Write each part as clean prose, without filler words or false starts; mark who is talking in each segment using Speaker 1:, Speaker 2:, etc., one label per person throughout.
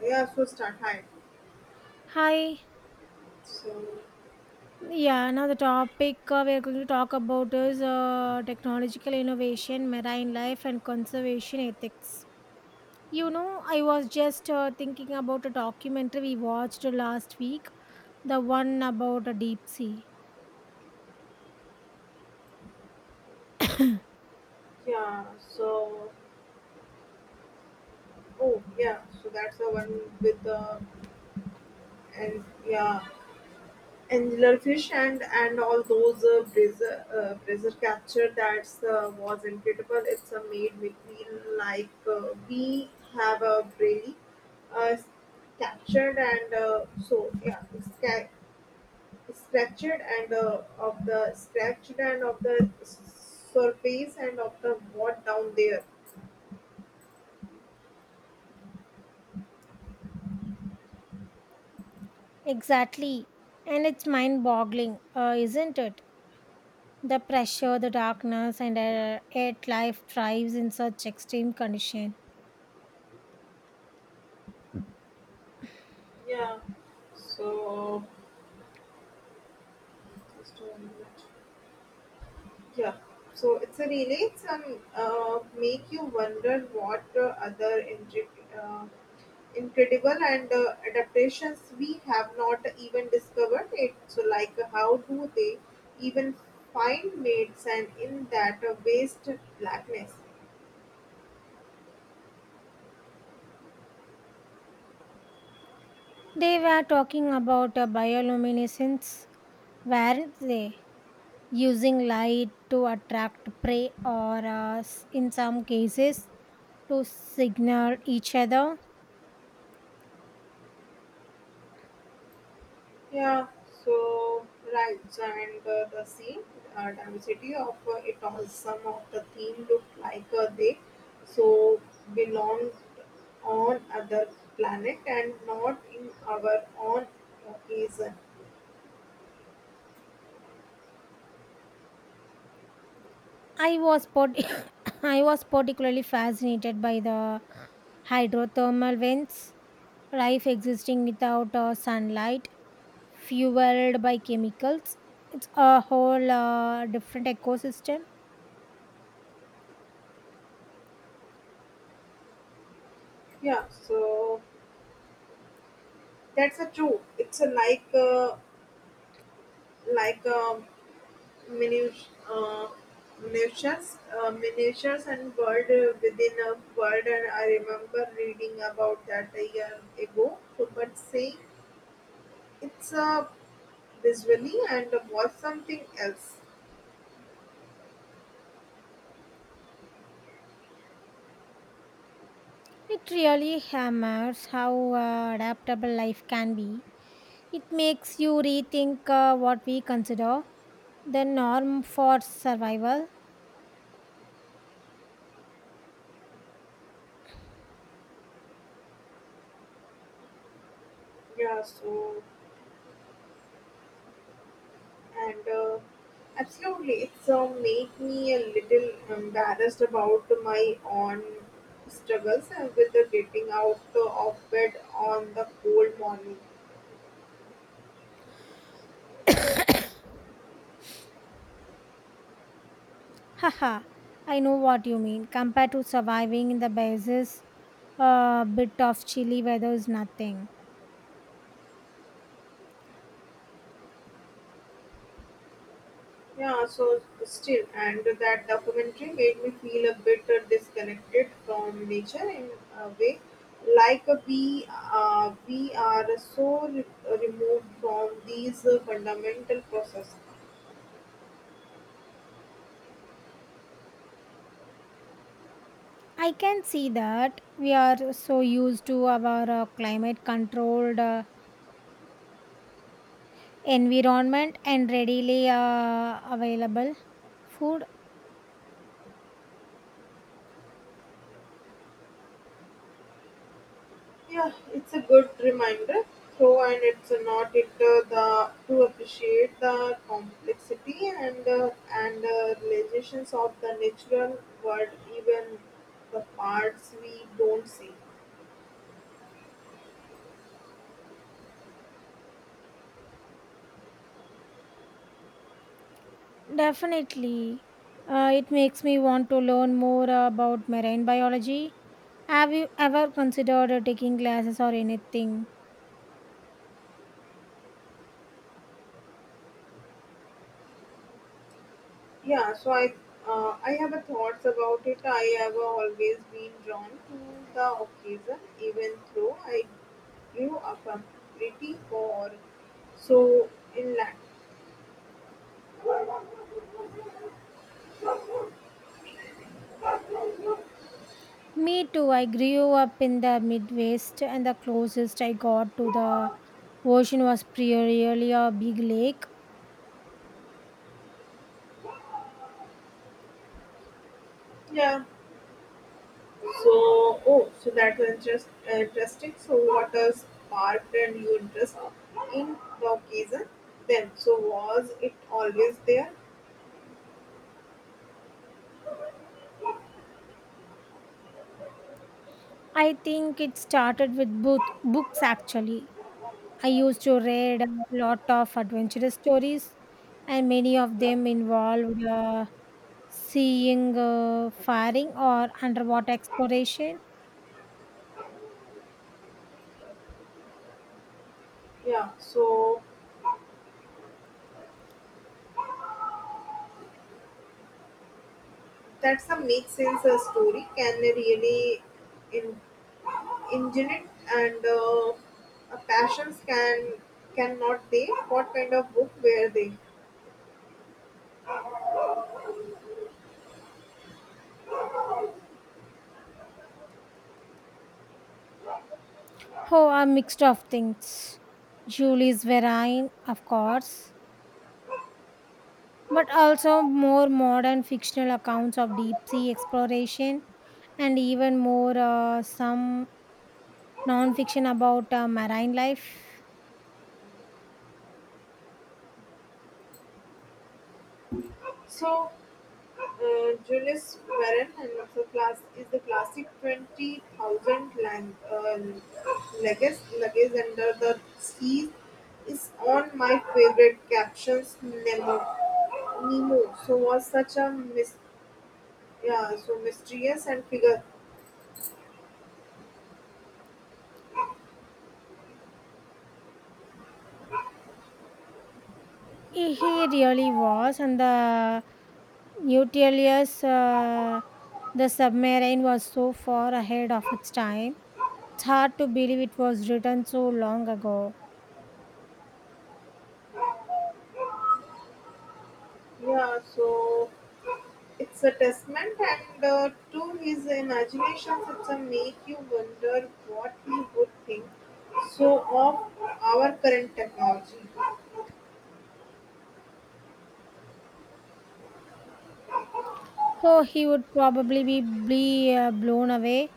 Speaker 1: Yeah, so start high.
Speaker 2: Hi.
Speaker 1: So
Speaker 2: Yeah, now the topic we're going to talk about is technological innovation, marine life, and conservation ethics. You know, I was just thinking about a documentary we watched last week, the one about a deep sea.
Speaker 1: yeah, so oh Yeah, so that's the one with the and yeah, angular fish and all those brazier capture. That's was incredible. It's made me feel like we have a really uh, captured and so yeah, scratched and of the scratched and of the surface and of the what down there.
Speaker 2: Exactly. And it's mind boggling, isn't it? The pressure, the darkness, and yet life thrives in such extreme conditions.
Speaker 1: Yeah. So just a minute. Yeah. So it's a relates and make you wonder what other uh, incredible and adaptations we have not even discovered it. So like how do they even find mates and in that waste blackness?
Speaker 2: They were talking about bioluminescence, weren't they? Using light to attract prey or in some cases to signal each other.
Speaker 1: Yeah, so right, so and the scene diversity of it all. Some of the theme look like they so belong on other planet and not in our own occasion.
Speaker 2: i was part- I was particularly fascinated by the hydrothermal vents, life existing without sunlight, fueled by chemicals. It's a whole different ecosystem.
Speaker 1: Yeah, so that's a true. It's a like a minutiae, uh, miniatures and world within a world. And I remember reading about that a year ago. So, but saying it's visually and was something else.
Speaker 2: It really hammers how adaptable life can be. It makes you rethink what we consider the norm for survival.
Speaker 1: Yeah, so and absolutely, it's made me a little embarrassed about my own struggles with the getting out of bed on the cold morning.
Speaker 2: Haha, I know what you mean. Compared to surviving in the bases, a bit of chilly weather is nothing.
Speaker 1: Yeah, so still, and that documentary made me feel a bit disconnected from nature in a way, like we are so removed from these fundamental process.
Speaker 2: I can see that we are so used to our climate controlled environment and readily available food.
Speaker 1: Yeah, it's a good reminder, though, and it's not it the to appreciate the complexity and relations of the natural world, even the parts we don't see.
Speaker 2: Definitely, it makes me want to learn more about marine biology. Have you ever considered taking classes or anything?
Speaker 1: Yeah, so I have a thoughts about it. I have always been drawn to the occasion, even though I grew up a pretty poor. So in la,
Speaker 2: Me too. I grew up in the Midwest, and the closest I got to the ocean was primarily a big lake.
Speaker 1: yeah. So that was just interesting. So what has sparked and you interest in the occasion? Then so was it always there?
Speaker 2: I think it started with books actually. I used to read a lot of adventurous stories, and many of them involved seeing firing or underwater exploration.
Speaker 1: Yeah. So that's a make sense a story can really in? Ingenuity and passions cannot they? What kind of book were they?
Speaker 2: Oh, a mixed of things. Julie's Verine, of course. But also more modern fictional accounts of deep sea exploration, and even more some non-fiction about marine life.
Speaker 1: So, Julius Verne and also class is the classic 20,000 luggage under the sea is on my favorite captions Nemo. Nemo. So was such a yeah, so mysterious and figure,
Speaker 2: He really was, and the Nautilus, the submarine, was so far ahead of its time. It's hard to believe it was written so long ago.
Speaker 1: yeah, so it's a testament and to his imaginations it's a make you wonder what he would think so of our current technology.
Speaker 2: Oh, he would probably be blown away.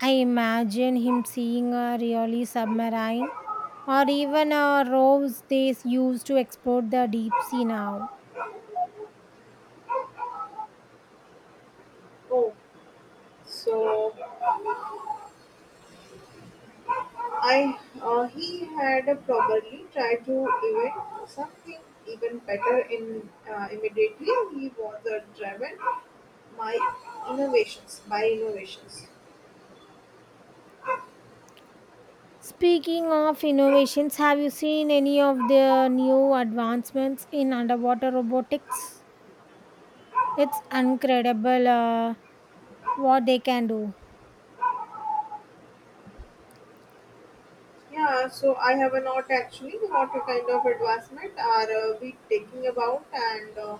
Speaker 2: I imagine him seeing a really submarine, or even roves they use to export the deep sea now.
Speaker 1: Oh, so I he had probably tried to invent something even better in immediately he was driven by innovations.
Speaker 2: Speaking of innovations, have you seen any of the new advancements in underwater robotics? It's incredible, what they can do.
Speaker 1: Yeah, so I have not actually what kind of advancement are we taking about and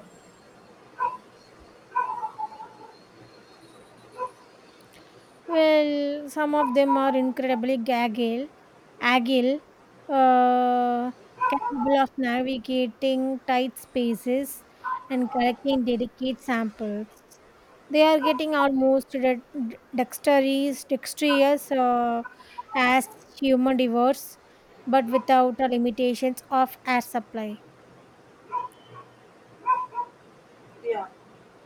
Speaker 2: Well, some of them are incredibly agile, uh, capable of navigating tight spaces and collecting delicate samples. They are getting almost dexterous as human divers, but without the limitations of air supply.
Speaker 1: yeah.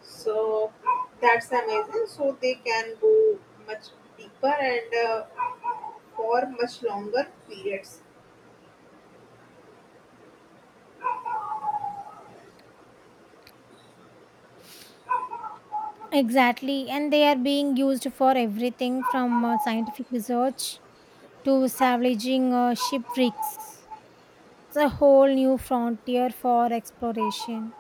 Speaker 1: So that's amazing. So they can go much deeper and for much longer periods.
Speaker 2: Exactly, and they are being used for everything from scientific research to salvaging shipwrecks. It's a whole new frontier for exploration,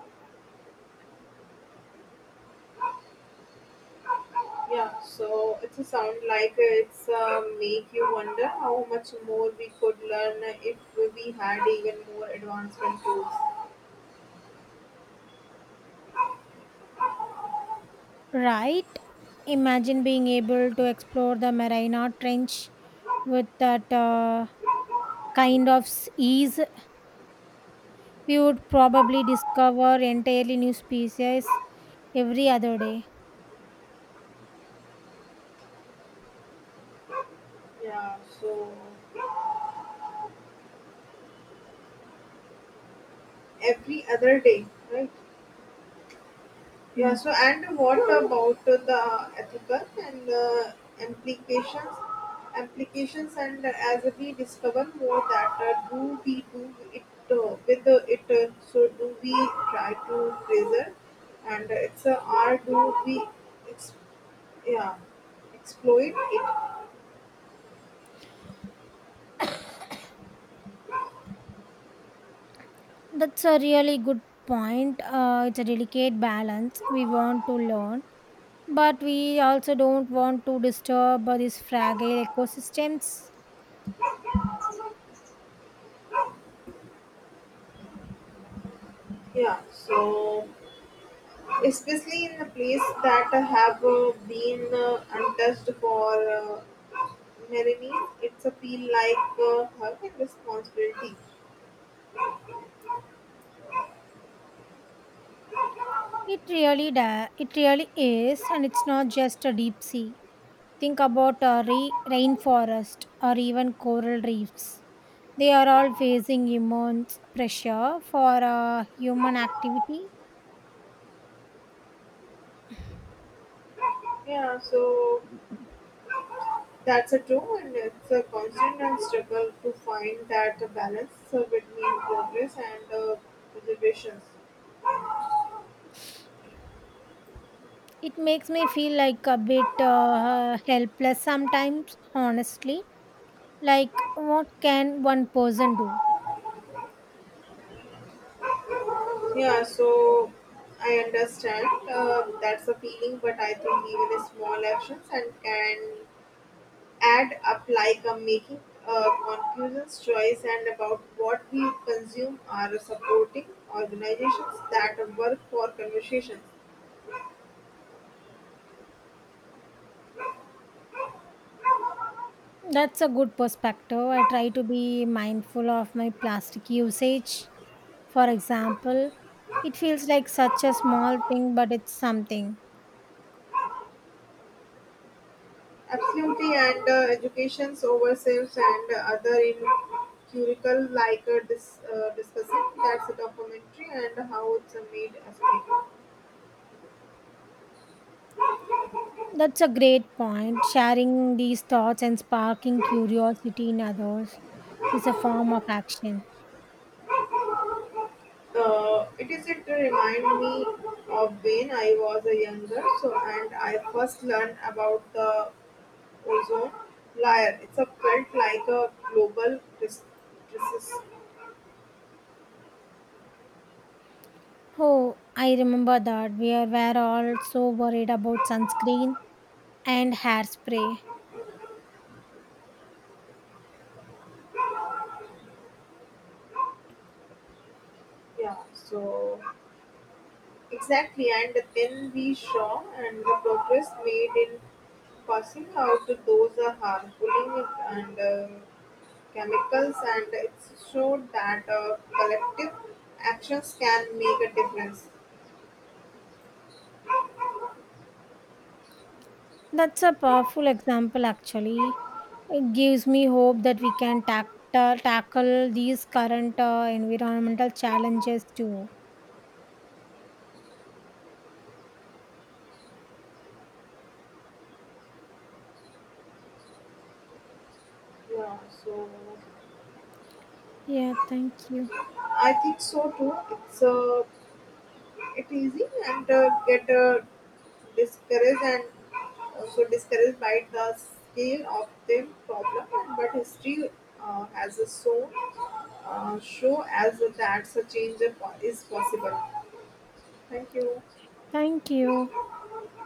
Speaker 1: Yeah. So it sound like it's make you wonder how much more we could learn if we had even more advancement tools.
Speaker 2: right? Imagine being able to explore the Marina Trench with that kind of ease. We would probably discover entirely new species every other day.
Speaker 1: Yeah. So every other day, right? Yeah,
Speaker 2: Mm.
Speaker 1: so and what about the ethical and implications? Applications and as we discover more that do we do it with it, so do we try to preserve and it's or do we ex- yeah, exploit it?
Speaker 2: That's a really good point. It's a delicate balance. We want to learn, but we also don't want to disturb these fragile ecosystems.
Speaker 1: Yeah, so especially in the place that have been untouched for Melanie, it's a feel like a hug and responsibility.
Speaker 2: It really is, and it's not just a deep sea. Think about a rainforest or even coral reefs. They are all facing immense pressure for human activity.
Speaker 1: Yeah, so that's a true, and it's a constant and struggle to find that balance between progress and reservations.
Speaker 2: It makes me feel like a bit helpless sometimes, honestly. Like, what can one person do?
Speaker 1: Yeah, so I understand that's a feeling, but I think even the small actions and can add up like I making a conscious choice and about what we consume are supporting organizations that work for conversations.
Speaker 2: That's a good perspective. I try to be mindful of my plastic usage. For example, it feels like such a small thing, but it's something.
Speaker 1: Absolutely, and educations oversells and other in curricle like this discussing that's a documentary and how it's made as a
Speaker 2: That's a great point. Sharing these thoughts and sparking curiosity in others is a form of action.
Speaker 1: it is it to remind me of when I was a younger so and I first learned about the Also, layer. It's a felt like a global crisis.
Speaker 2: Oh, I remember that were all so worried about sunscreen and hairspray.
Speaker 1: Yeah, so exactly. And then we saw and the progress made in passing out those harmful and chemicals, and it showed that collective actions can make a difference.
Speaker 2: That's a powerful example, actually. It gives me hope that we can tackle these current environmental challenges too.
Speaker 1: Yeah, so
Speaker 2: Yeah, thank you.
Speaker 1: I think so too. It's it easy and get discouraged and so discouraged by the scale of their problem, but history has a so show as that such change is possible. Thank you.
Speaker 2: Thank you.